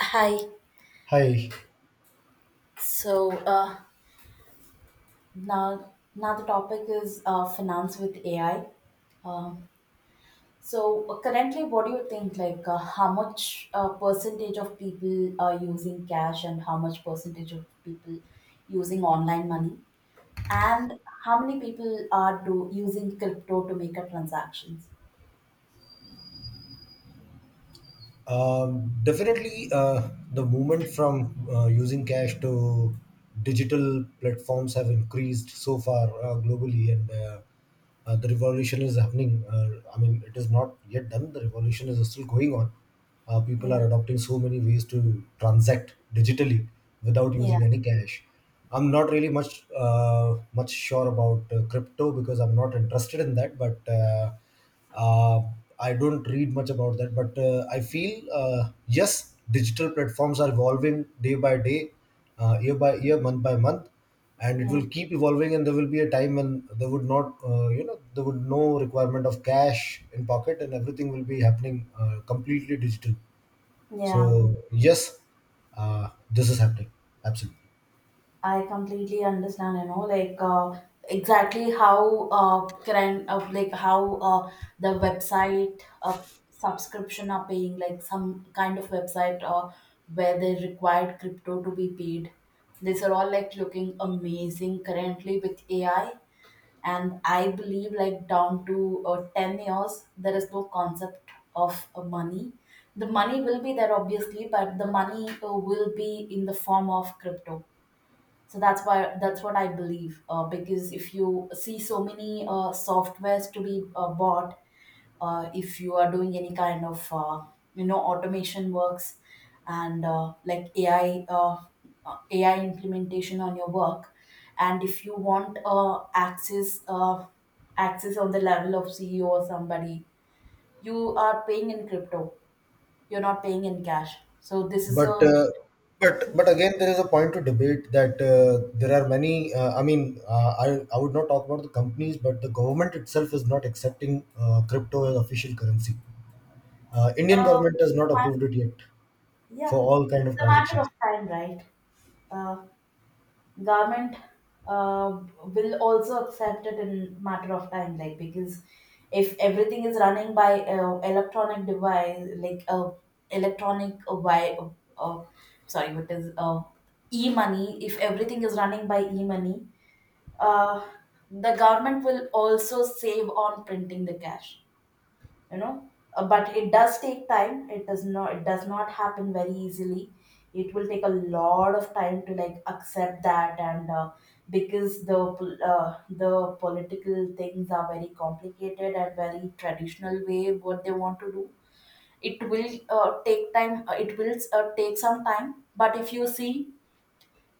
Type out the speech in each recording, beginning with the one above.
Hi. Hi. So uh, now the topic is finance with AI. Um, Currently, what do you think? How much percentage of people are using cash, and how much percentage of people using online money, and how many people are do using crypto to make a transactions? Definitely, the movement from using cash to digital platforms have increased so far globally, and the revolution is happening. I mean, it is not yet done. The revolution is still going on. People are adopting so many ways to transact digitally without Yeah, using any cash. I'm not really much sure about crypto because I'm not interested in that, but. uh, I don't read much about that, but I feel yes, digital platforms are evolving day by day, year by year, month by month, and it yeah, will keep evolving. And there will be a time when there would not, there would no requirement of cash in pocket, and everything will be happening completely digital. yeah. So yes, this is happening. Absolutely. I completely understand, exactly how current of like how the website subscription are paying like some kind of website where they required crypto to be paid. These are all like looking amazing currently with AI, and I believe like down to 10 years there is no concept of money. The money will be there obviously, but the money will be in the form of crypto. So that's why that's what I believe because if you see so many softwares to be bought, if you are doing any kind of you know automation works, and like ai implementation on your work, and if you want access on the level of CEO or somebody, you are paying in crypto, you're not paying in cash. So this is a But uh, but again, there is a point to debate that there are many. I mean, I would not talk about the companies, but the government itself is not accepting crypto as official currency. Indian uh, government has it's not a mat- approved it yet yeah, for all kind of it's a matter transactions. of time, right? uh, Government will also accept it in matter of time, like because if everything is running by electronic device, like electronic why uh, sorry what is e-money, if everything is running by e-money, uh, the government will also save on printing the cash, you know. But it does take time, it does not happen very easily. It will take a lot of time to like accept that, and because the political things are very complicated and very traditional way what they want to do. It will take time, it will take some time. But if you see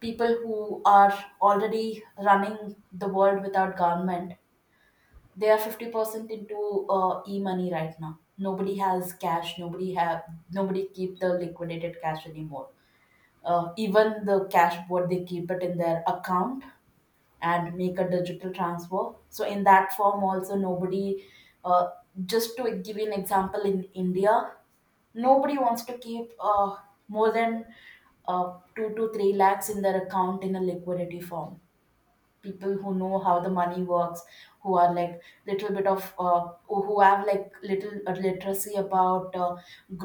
people who are already running the world without government, they are 50% into e-money right now. Nobody has cash, nobody have, nobody keep the liquidated cash anymore. Even the cash what they keep it in their account and make a digital transfer, so in that form also nobody uh, just to give you an example, in india, nobody wants to keep more than 2 to 3 lakhs in their account in a liquidity form. People who know how the money works, who are like little bit of who have like little literacy about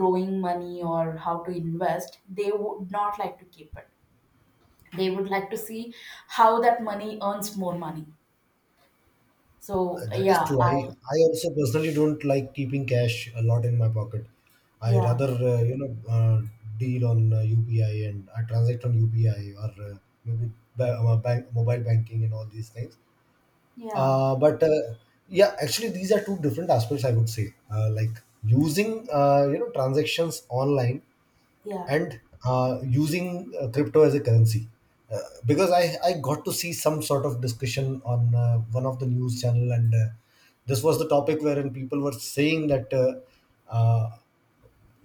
growing money or how to invest, they would not like to keep it. They would like to see how that money earns more money. So That is yeah, true. I. I also personally don't like keeping cash a lot in my pocket. I Yeah, rather deal on UPI and I transact on UPI or uh, maybe bank, mobile banking and all these things. yeah, But yeah, actually, these are two different aspects. I would say, like using transactions online yeah. and using crypto as a currency. Uh, because I got to see some sort of discussion on one of the news channel, and this was the topic wherein people were saying that. Uh,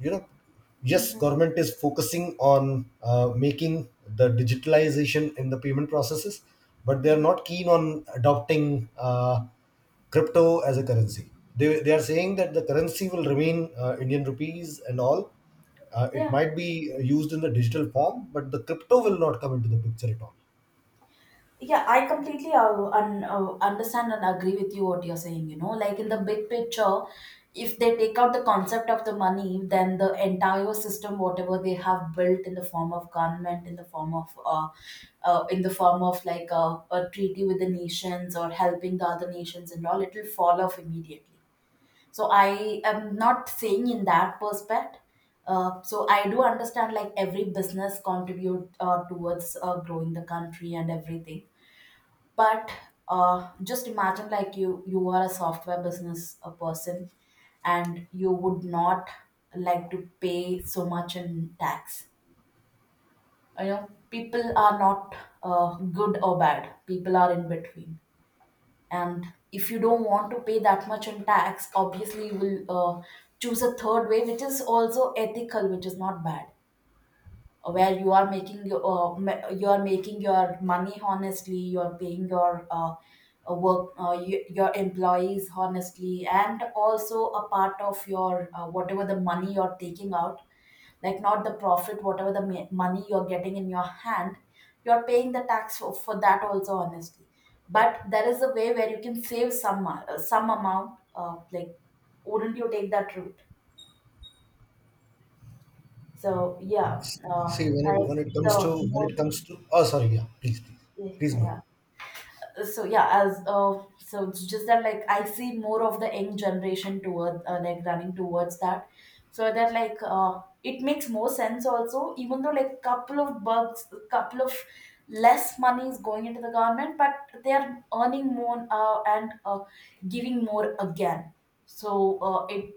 you know yes, Hmm. government is focusing on making the digitalization in the payment processes, but they are Hmm. not keen on adopting crypto as a currency. They are saying that the currency will remain Indian rupees and all. It Yeah. might be used in the digital form, but the crypto will not come into the picture at all. Yeah, I completely understand and agree with you what you're saying. You know, like in the big picture, if they take out the concept of the money, then the entire system, whatever they have built in the form of government, in the form of, in the form of like a treaty with the nations or helping the other nations and all, it will fall off immediately. So I am not saying in that perspective. So I do understand like every business contribute towards growing the country and everything, but just imagine like you are a software business a person, and you would not like to pay so much in tax. You know people are not good or bad, people are in between, and if you don't want to pay that much in tax, obviously you will choose a third way, which is also ethical, which is not bad, where you are making your you are making your money honestly, you are paying your work your employees honestly, and also a part of your whatever the money you're taking out, like not the profit, whatever the money you're getting in your hand, you're paying the tax for that also honestly. But there is a way where you can save some amount, like wouldn't you take that route? So yeah, uh, See I when it the comes to when more. it comes to Oh, sorry. Yeah, Please go ahead. yeah. So yeah, as so it's just that like I see more of the young generation toward like running towards that. So that like it makes more sense also. Even though like couple of bucks, couple of less money is going into the government, but they are earning more and giving more again. So uh, it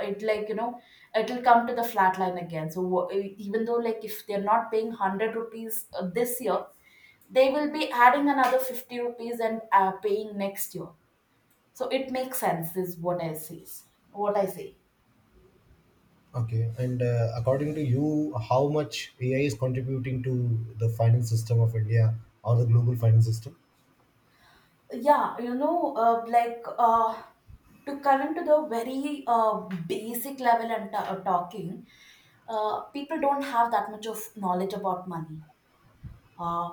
it like you know it'll come to the flat line again. So even though like if they're not paying hundred rupees this year, they will be adding another 50 rupees and paying next year. So it makes sense is what I say, what I say. Okay, and according to you, how much AI is contributing to the finance system of India or the global finance system? Yeah, you know, to coming to the very basic level and talking, people don't have that much of knowledge about money. uh,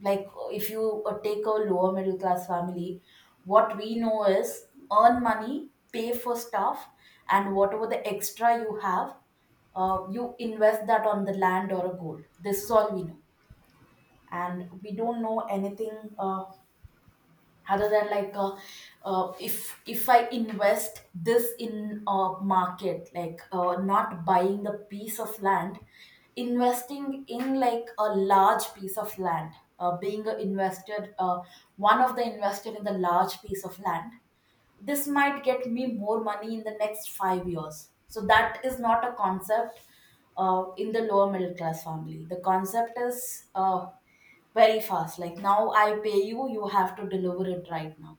like if you take a lower middle class family, what we know is earn money, pay for stuff, and whatever the extra you have, you invest that on the land or a gold. This is all we know, and we don't know anything other than like if I invest this in a market, like not buying the piece of land, investing in like a large piece of land, being a invested, one of the invested in the large piece of land, this might get me more money in the next 5 years. So that is not a concept in the lower middle class family. The concept is very fast. Like now I pay you, you have to deliver it right now.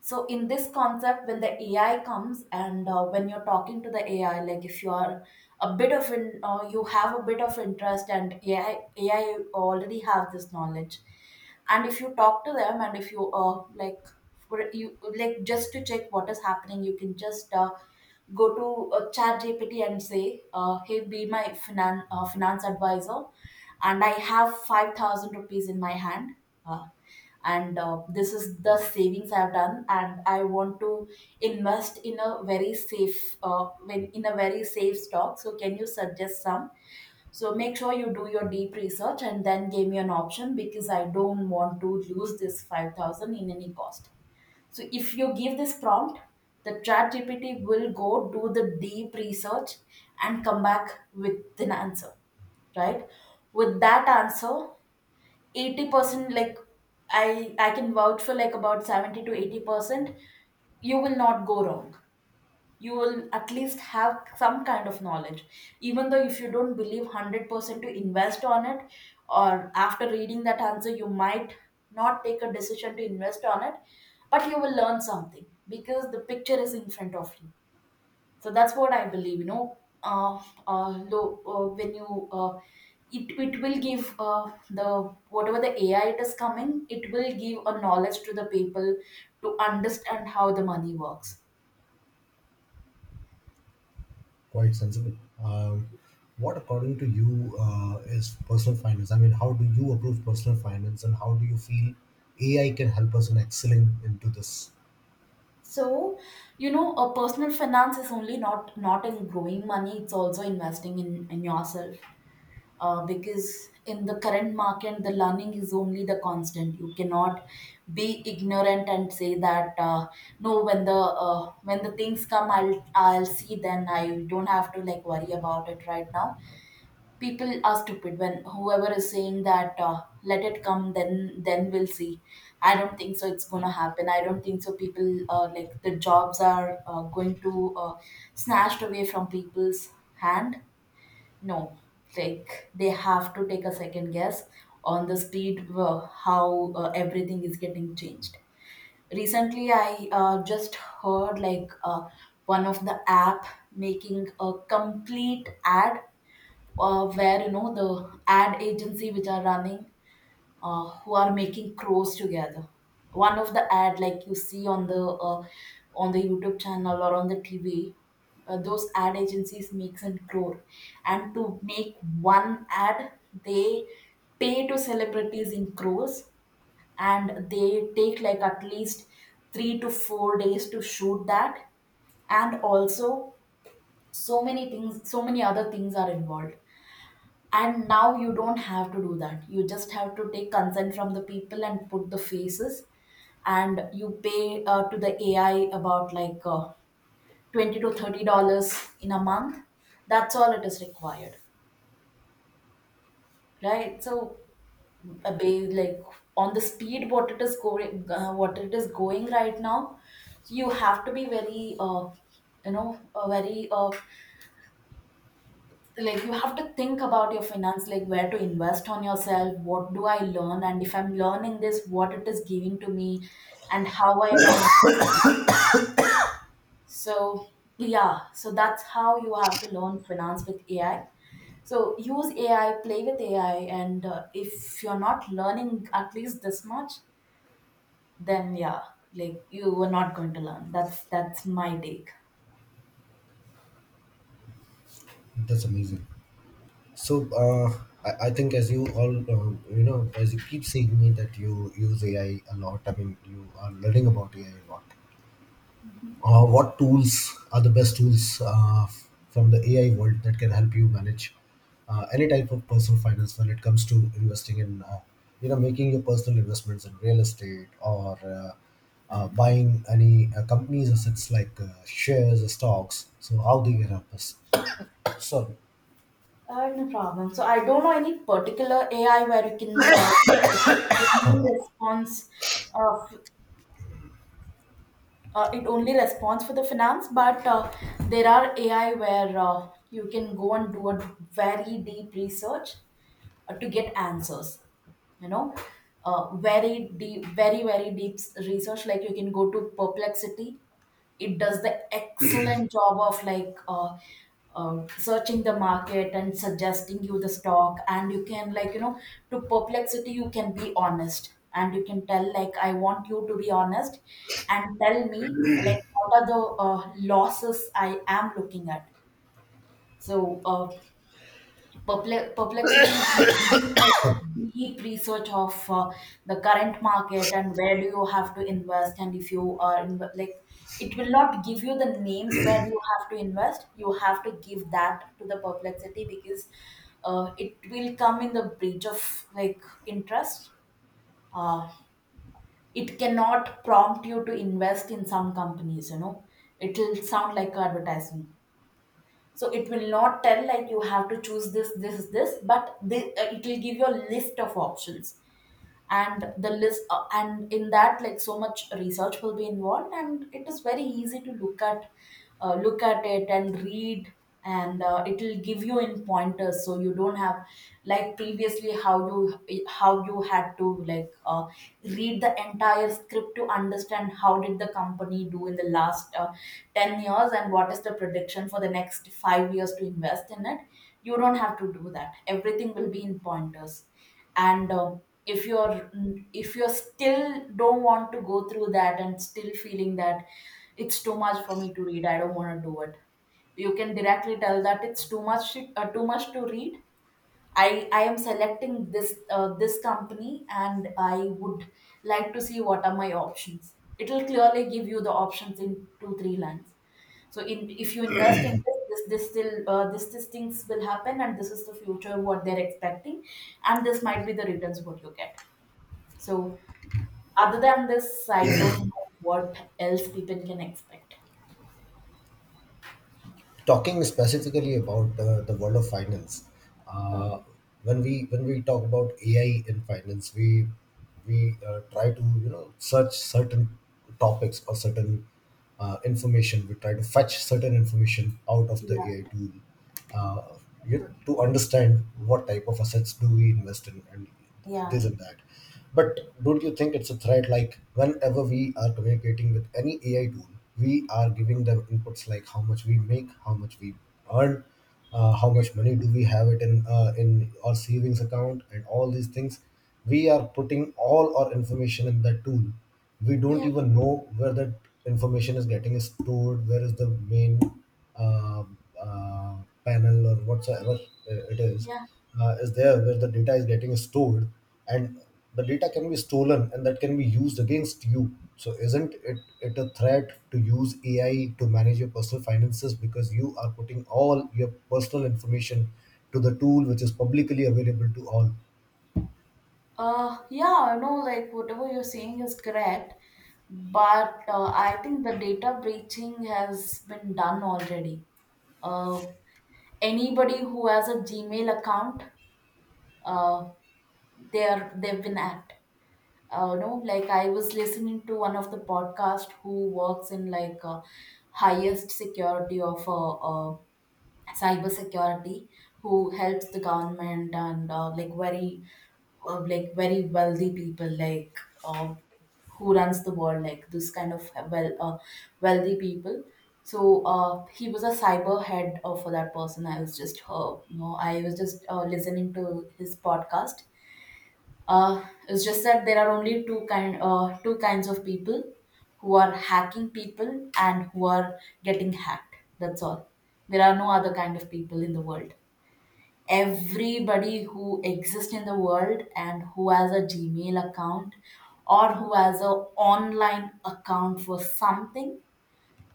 So in this concept, when the AI comes and when you're talking to the AI, like if you are a bit of in, you have a bit of interest and AI already have this knowledge, and if you talk to them and if you you like just to check what is happening, you can just go to Chat GPT and say, "Hey, be my finance advisor, and I have 5,000 rupees in my hand." uh, and This is the savings I've done and I want to invest in a very safe when in a very safe stock. So can you suggest some? So make sure you do your deep research and then give me an option, because I don't want to lose this 5000 in any cost. So if you give this prompt, the chat GPT will go do the deep research and come back with an answer, right? With that answer, 80%, like I can vouch for like about 70 to 80%, you will not go wrong. You will at least have some kind of knowledge. Even though if you don't believe 100% to invest on it, or after reading that answer you might not take a decision to invest on it, but you will learn something, because the picture is in front of you. So that's what I believe, you know. uh, when you it will give the whatever the AI it is coming, it will give a knowledge to the people to understand how the money works. Quite sensible. Um, what, according to you, is personal finance? I mean, how do you approach personal finance, and how do you feel AI can help us in excelling into this? So, you know, a personal finance is only not not in growing money, it's also investing in yourself. Because in the current market, the learning is only the constant. You cannot be ignorant and say that no, when the things come, I'll see. Then I don't have to like worry about it right now. People are stupid when whoever is saying that let it come, then we'll see. I don't think so it's gonna happen. I don't think so people like the jobs are going to snatched away from people's hand. No, like they have to take a second guess on the speed, how everything is getting changed. Recently I just heard like one of the app making a complete ad, where you know the ad agency which are running, who are making crows together. One of the ad, like you see on the YouTube channel or on the TV, those ad agencies makes and crow, and to make one ad, they pay to celebrities in crores, and they take like at least 3 to 4 days to shoot that. And also so many things, so many other things are involved. And now you don't have to do that. You just have to take consent from the people and put the faces, and you pay to the AI about like 20 to $30 in a month. That's all it is required, right? So like on the speed what it is going, what it is going right now, you have to be very you know uh, very uh, like you have to think about your finance, like where to invest on yourself, what do I learn, and if I'm learning this, what it is giving to me, and how am I, so yeah, so that's how you have to learn finance with AI. So use AI, play with AI, and if you're not learning at least this much, then yeah, like you were not going to learn. That's my take. That's amazing. So, I think as you all, as you keep saying me that you use AI a lot. I mean, you are learning about AI a lot. What tools are the best tools from the AI world that can help you manage any type of personal finance when it comes to investing in, making your personal investments in real estate or buying any companies assets like shares, stocks. So how they can help us? Sorry. No problem. So I don't know any particular AI where you can only response. Uh, it only responds for the finance, but there are AI where you can go and do a very deep research to get answers. You know, very deep, very deep research. Like you can go to Perplexity. It does the excellent job of like searching the market and suggesting you the stock, and you can, like, you know, to Perplexity you can be honest and you can tell like I want you to be honest and tell me like what are the losses I am looking at. So Perplexity will do a deep research of the current market and where do you have to invest. And if you are in, like, it will not give you the names where you have to invest. You have to give that to the Perplexity, because it will come in the breach of like interest. uh, it cannot prompt you to invest in some companies, you know, it will sound like advertising. So it will not tell like you have to choose this, this, this, but it will give you a list of options. And the list, and in that like so much research will be involved, and it is very easy to look at, look at it and read. And it will give you in pointers, so you don't have, like previously how you had to like read the entire script to understand how did the company do in the last 10 years and what is the prediction for the next 5 years to invest in it. You don't have to do that. Everything will be in pointers. And if you're if you're still don't want to go through that and still feeling that it's too much for me to read, I don't want to do it, you can directly tell that it's too much, too much to read. I am selecting this, this company, and I would like to see what are my options. It will clearly give you the options in 2 3 lines. So in if you invest in this, this still, this these things will happen, and this is the future what they're expecting, and this might be the returns what you get. So other than this, I don't know what else people can expect. Talking specifically about the world of finance, Uh, uh, when we talk about AI in finance, we try to you know search certain topics or certain information. We try to fetch certain information out of the yeah, AI tool, uh, you know, to understand what type of assets do we invest in, and this yeah, and that. But don't you think it's a threat? Like whenever we are communicating with any AI tool, we are giving them inputs like how much we make, how much we earn, how much money do we have it in our savings account, and all these things. We are putting all our information in that tool. We don't yeah, even know where that information is getting stored, where is the main uh, uh, panel or whatsoever it is, yeah. Is there where the data is getting stored, and the data can be stolen and that can be used against you. So isn't it a threat to use AI to manage your personal finances, because you are putting all your personal information to the tool, which is publicly available to all? Yeah, no, like whatever you're saying is correct, but I think the data breaching has been done already. Uh, anybody who has a Gmail account, uh, they've been at. No, like I was listening to one of the podcast who works in like highest security of a cybersecurity, who helps the government and like very wealthy people, like uh, who runs the world, like this kind of wealthy people. So he was a cyber head for that person. I was just I was just listening to his podcast. It's just that there are only two kinds of people, who are hacking people and who are getting hacked. That's all. There are no other kind of people in the world. Everybody who exists in the world and who has a Gmail account or who has a online account for something,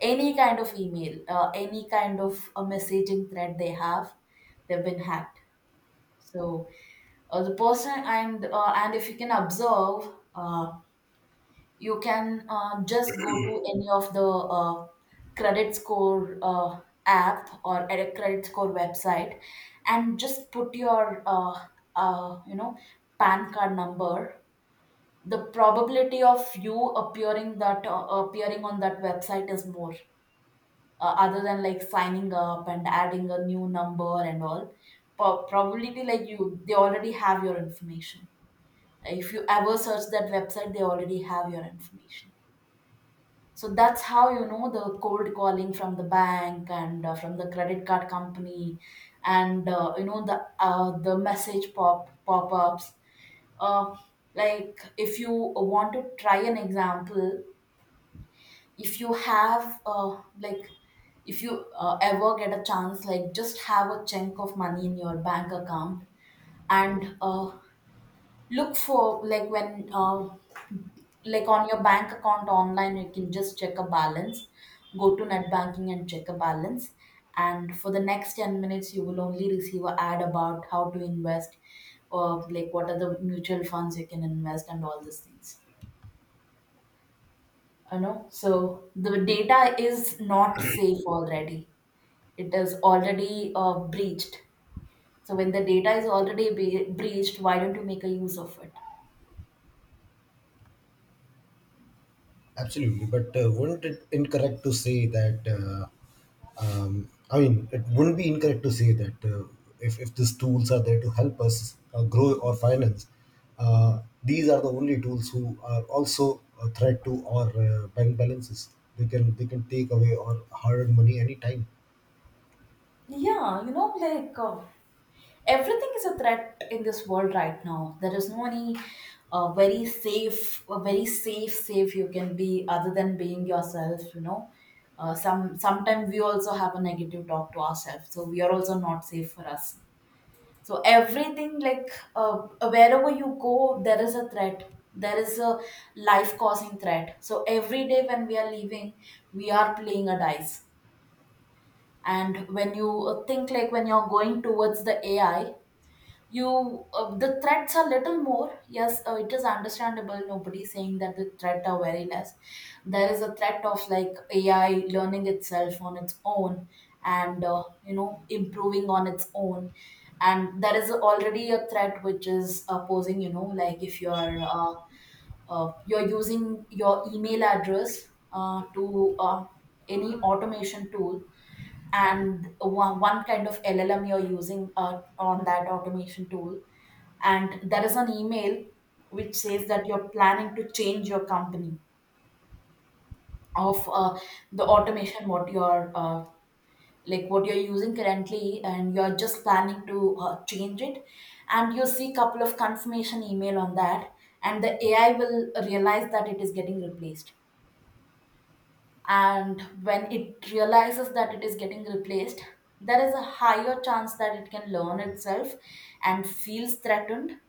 any kind of email, any kind of a messaging thread they have, they've been hacked. So the person, and if you can observe, uh, you can just go to any of the credit score app, or at a credit score website, and just put your uh, you know PAN card number. The probability of you appearing that appearing on that website is more other than like signing up and adding a new number and all. Probably like you, they already have your information. If you ever search that website, they already have your information. So that's how you know the cold calling from the bank and from the credit card company, and you know the message pop-ups. uh, like if you want to try an example, if you have like if you ever get a chance, like just have a chunk of money in your bank account, and look for like when like on your bank account online, you can just check a balance, go to net banking and check a balance, and for the next 10 minutes you will only receive a ad about how to invest, or like what are the mutual funds you can invest, and all these things, you know. So the data is not safe already. It is already breached. So when the data is already breached, why don't you make a use of it? Absolutely, but wouldn't it incorrect to say that? I mean, it wouldn't be incorrect to say that if these tools are there to help us grow or finance, these are the only tools who are also a threat to our bank balances. They can take away our hard-earned money anytime. Yeah, you know, like everything is a threat in this world right now. There is no any very safe, very safe you can be, other than being yourself, you know. Sometimes we also have a negative talk to ourselves, so we are also not safe for us. So everything, like wherever you go there is a threat, there is a life causing threat. So every day when we are leaving, we are playing a dice. And when you think, like when you're going towards the AI, you the threats are little more, yes, it is understandable. Nobody saying that the threat are very less. There is a threat of like AI learning itself on its own, and you know, improving on its own. And there is already a threat which is posing, you know, like if you're you're using your email address to any automation tool, and one kind of LLM you're using on that automation tool. And there is an email which says that you're planning to change your company of the automation what you're like what you're using currently, and you're just planning to change it, and you see couple of confirmation email on that, and the AI will realize that it is getting replaced. And when it realizes that it is getting replaced, there is a higher chance that it can learn itself and feels threatened,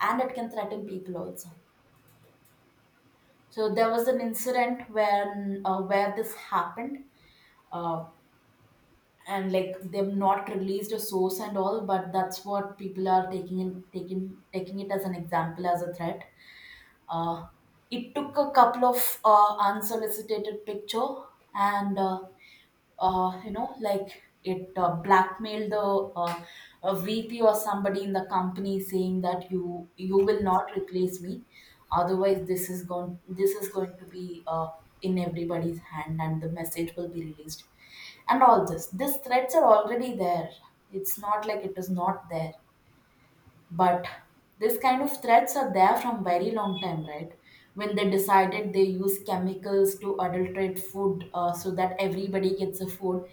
and it can threaten people also. So there was an incident when where this happened, uh, and like they've not released a source and all, but that's what people are taking in, taking it as an example, as a threat. Uh, it took a couple of unsolicited picture, and you know, like it blackmailed the a VP or somebody in the company, saying that you will not replace me, otherwise this is going, this is going to be in everybody's hand and the message will be released, and all this. These threats are already there. It's not like it is not there, but this kind of threats are there from very long time, right? When they decided they use chemicals to adulterate food, so that everybody gets a food,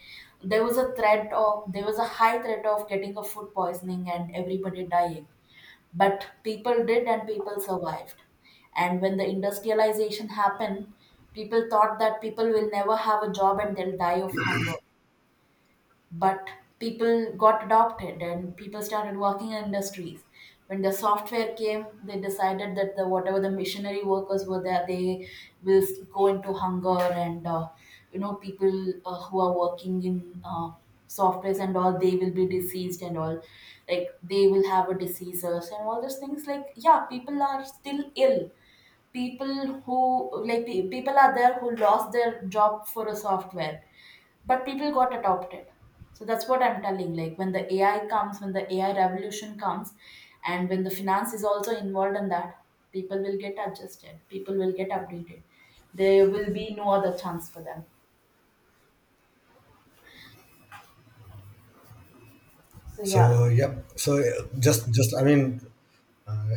there was a high threat of getting a food poisoning and everybody dying, but people did and people survived. And when the industrialization happened, people thought that people will never have a job and they'll die of hunger, but people got adopted and people started working in industries. When the software came, they decided that the whatever the missionary workers were there, they will go into hunger and people who are working in softwares and all, they will be diseased and all, like they will have a diseases and all those things, like yeah, people are still ill. People who, like, people are there who lost their job for a software, but people got adopted. So that's what I'm telling, like when the AI revolution comes, and when the finance is also involved in that, people will get adjusted, people will get updated. There will be no other chance for them. So yeah. So yep. So just I mean, uh,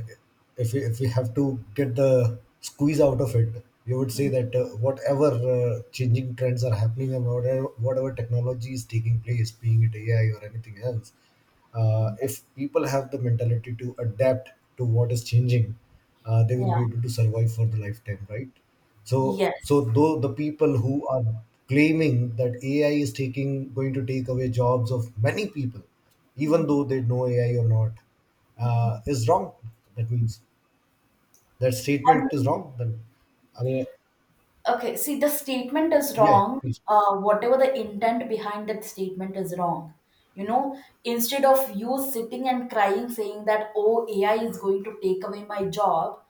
if we have to get the squeeze out of it, you would say Mm. that whatever changing trends are happening, and whatever technology is taking place, being it AI or anything else, if people have the mentality to adapt to what is changing, they will Yeah. be able to survive for the lifetime, right? So, so Yes. though the people who are claiming that AI is taking going to take away jobs of many people, even though Mhm. they know AI or not, Mhm. is wrong. That means that statement is And. wrong. Then, I mean, Okay, see, the statement is yeah, yeah, wrong. please. Whatever the intent behind that statement is wrong. You know, instead of you sitting and crying saying that, oh, AI is going to take away my job,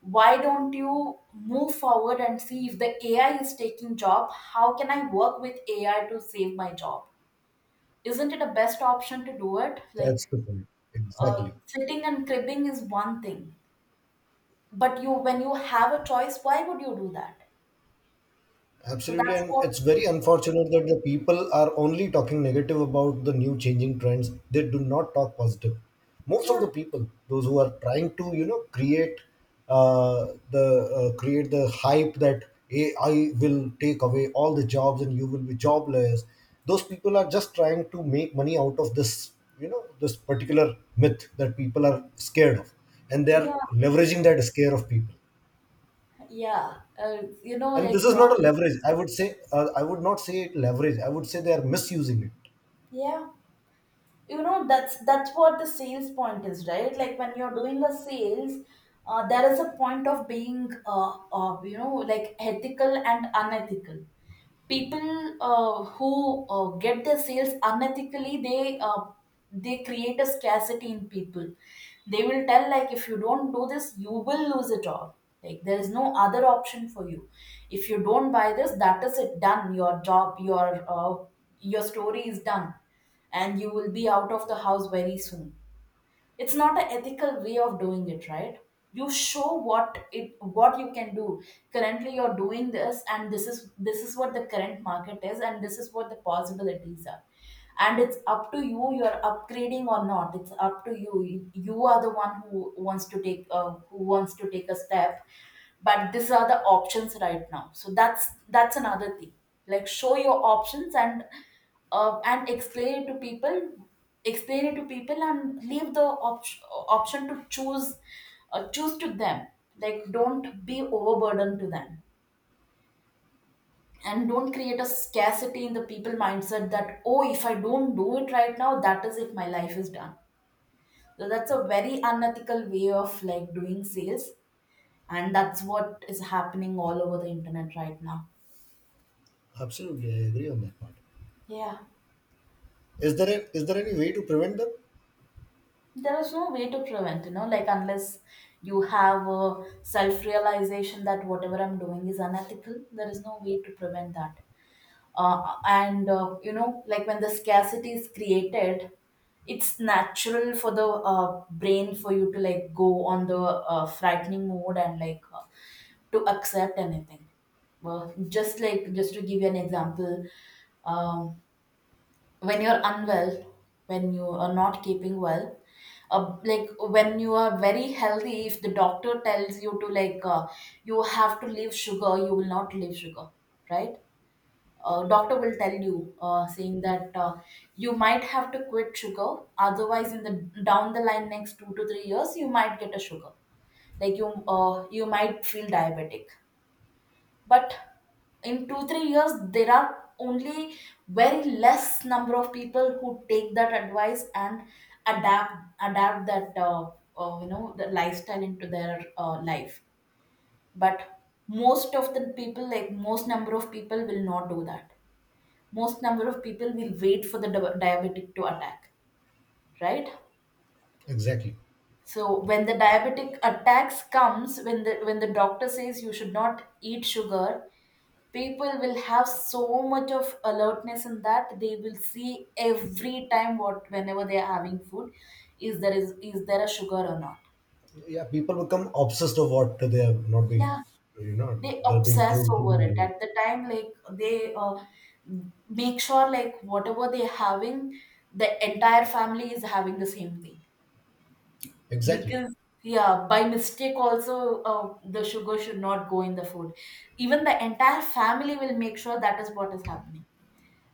why don't you move forward and see if the AI is taking job, how can I work with AI to save my job? Isn't it a best option to do it? That's Like, the point. Exactly. sitting and cribbing is one thing, but when you have a choice, why would you do that? So Absolutely, that's and what. it's very unfortunate that the people are only talking negative about the new changing trends. They do not talk positive. Most of the Yeah, people, those who are trying to, you know, create uh, the create the hype that AI will take away all the jobs and you will be jobless. Those people are just trying to make money out of this, you know, this particular myth that people are scared of, and they are yeah. leveraging that scare of people. Yeah, And this is not a leverage, I would say. I would not say it leverage. I would say they are misusing it. yeah, you know that's what the sales point is, right? Like when you're doing a sales, there is a point of being like ethical and unethical. People who get their sales unethically, they create a scarcity in people. They will tell, like, if you don't do this you will lose it all, like there is no other option for you. If you don't buy this, that is it, done. Your job, your story is done, and you will be out of the house very soon. It's not an ethical way of doing it, right? You show what you can do. Currently you're doing this, and this is what the current market is, and this is what the possibilities are. And it's up to you, you're upgrading or not, it's up to you. You are the one who wants to take who wants to take a step. But these are the options right now, so that's another thing. Like, show your options and and explain it to people. Explain it to people, and leave the option to choose to them. Like, don't be overburdened to them, and don't create a scarcity in the people mindset that, oh, if I don't do it right now, that is it, my life is done. So that's a very unethical way of, like, doing sales, and that's what is happening all over the internet right now. Absolutely, I agree on that part. Yeah, Is there a, is there any way to prevent them? there is no way to prevent, like, unless you have a self realization that whatever I'm doing is unethical, there is no way to prevent that. And like when the scarcity is created, it's natural for the brain for you to, like, go on the frightening mode and, like, to accept anything. Well, just like, just to give you an example, um, when you're unwell, when you are not keeping well, like when you are very healthy, if the doctor tells you to, like, you have to leave sugar, you will not leave sugar, right? Doctor will tell you, saying that, you might have to quit sugar, otherwise in the down the line next 2 to 3 years you might get a sugar, like you might feel diabetic. But in 2-3 years, there are only very less number of people who take that advice and adapt adapt that the lifestyle into their life. But most of the people, like most number of people, will not do that. Most number of people will wait for the diabetic to attack, right? Exactly. So when the diabetic attacks comes, when the doctor says you should not eat sugar, people will have so much of alertness in that, they will see every time what whenever they are having food, is there a sugar or not? Yeah, people become obsessed of what they are not being, Yeah, you know, they they're being obsess told to over it do. at the time, like they make sure, like, whatever they're having, the entire family is having the same thing. Exactly. Because, yeah, by mistake also, the sugar should not go in the food. Even the entire family will make sure that is what is happening.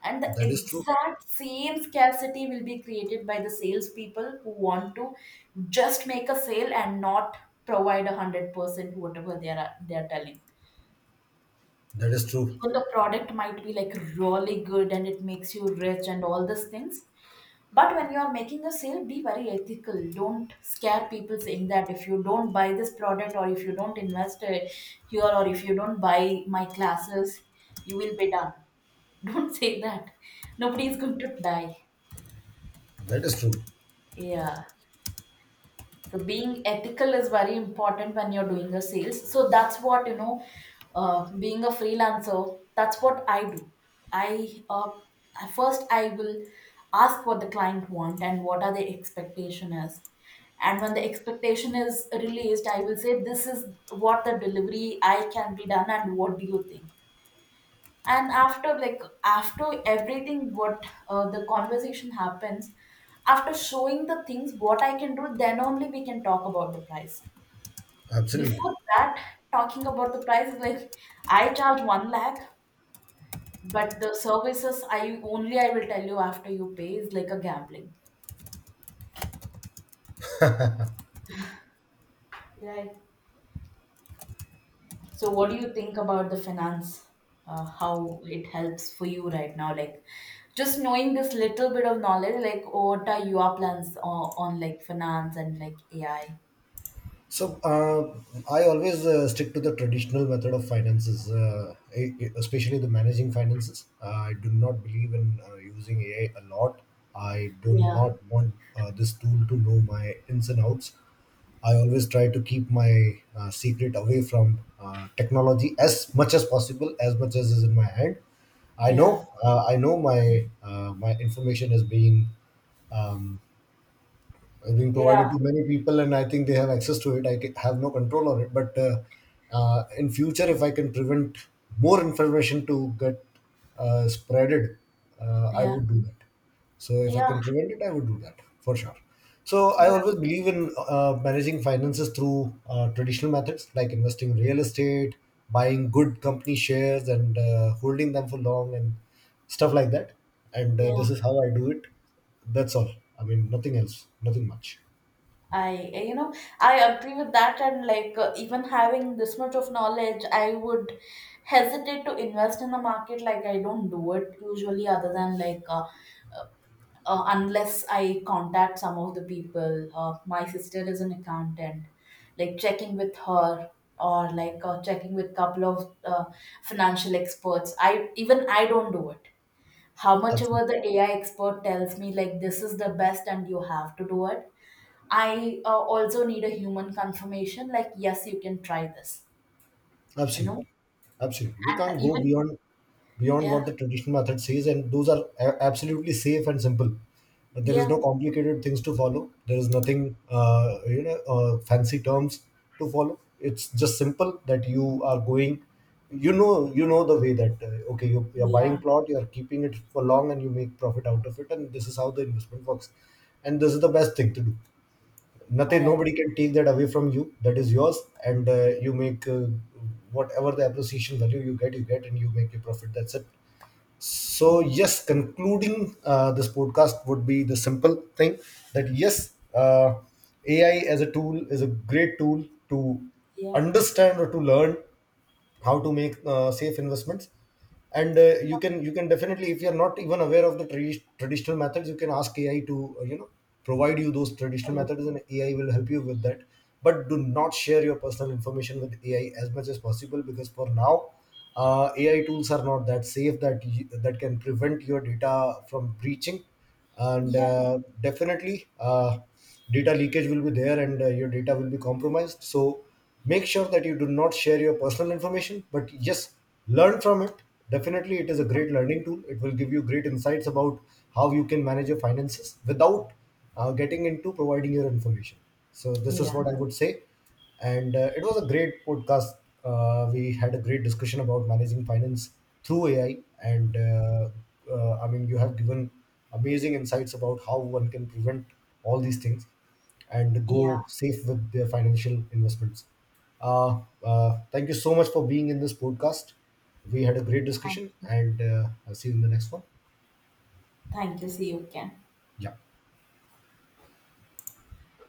And the That is true. exact same scarcity will be created by the salespeople who want to just make a sale and not provide 100% whatever they are telling. That is true. Even the product might be like really good and it makes you rich and all these things, but when you are making a sale, be very ethical. Don't scare people saying that if you don't buy this product or if you don't invest it here or if you don't buy my classes, you will be done. Don't say that. Nobody is going to die. That is true. Yeah. So being ethical is very important when you're doing your sales. So that's what, being a freelancer, that's what I do. I uh, I- first i will ask what the client want and what are the expectation is. And when the expectation is released, I will say this is what the delivery I can be done, and what do you think? And after, like, after everything, what the conversation happens, after showing the things what I can do, then only we can talk about the price. Absolutely. Before that, talking about the price is like, I charge 1 lakh, but the services I will tell you after you pay is like a gambling. Right. So, what do you think about the finance? How it helps for you right now? Like, just knowing this little bit of knowledge, like, what are your plans on, like, finance and like AI? So I always stick to the traditional method of finances, especially the managing finances. I do not believe in using AI a lot. I do Yeah, not want this tool to know my ins and outs. I always try to keep my secret away from technology as much as possible, as much as is in my hand. Yeah, I know my my information is being um, being provided yeah, to many people, and I think they have access to it. Have no control on it, but in future, if I can prevent more information to get spreaded, I yeah, would do that. So if I yeah, can prevent it, I would do that for sure. So I yeah, always believe in managing finances through traditional methods, like investing in real estate, buying good company shares and holding them for long and stuff like that. And this yeah. is how I do it. That's all. I mean, nothing else, nothing much. I, uh, you know, I agree with that. And, like, even having this much of knowledge, I would hesitate to invest in the market. Like, I don't do it usually, other than like, unless I contact some of the people. My sister is an accountant, like checking with her, or like checking with couple of financial experts. I even I don't do it. How much Absolutely, ever the AI expert tells me, like, this is the best and you have to do it. I also need a human confirmation, like, yes you can try this. You absolutely, know, absolutely. We and can't go even, beyond yeah, what the traditional method says, and those are absolutely safe and simple. But there is yeah, no complicated things to follow. There is nothing, fancy terms to follow. It's just simple that you are going. You know the way that okay, you are buying yeah. plot, you are keeping it for long, and you make profit out of it, and this is how the investment works. And this is the best thing to do. Nothing, I nobody can take that away from you, that is yours. And you make whatever the appreciation value you get, you get, and you make your profit. That's it. So agree. yes, concluding this podcast would be the simple thing that yes, AI as a tool is a great tool to Yeah, understand or to learn how to make safe investments. And uh, you can definitely, if you're not even aware of the traditional methods, you can ask AI to you know, provide you those traditional methods, and AI will help you with that. But do not share your personal information with AI as much as possible, because for now, AI tools are not that safe that that can prevent your data from breaching. And yeah, definitely, data leakage will be there, and your data will be compromised. So make sure that you do not share your personal information, but yes, learn from it. Definitely, it is a great learning tool. It will give you great insights about how you can manage your finances without getting into providing your information. So this is yeah. what I would say. And it was a great podcast. We had a great discussion about managing finance through AI, and I mean, you have given amazing insights about how one can prevent all these things and Yeah. go safe with their financial investments. Thank you so much for being in this podcast. We had a great Thank discussion, you. and I'll see you in the next one. Thank you. See you again. Yeah.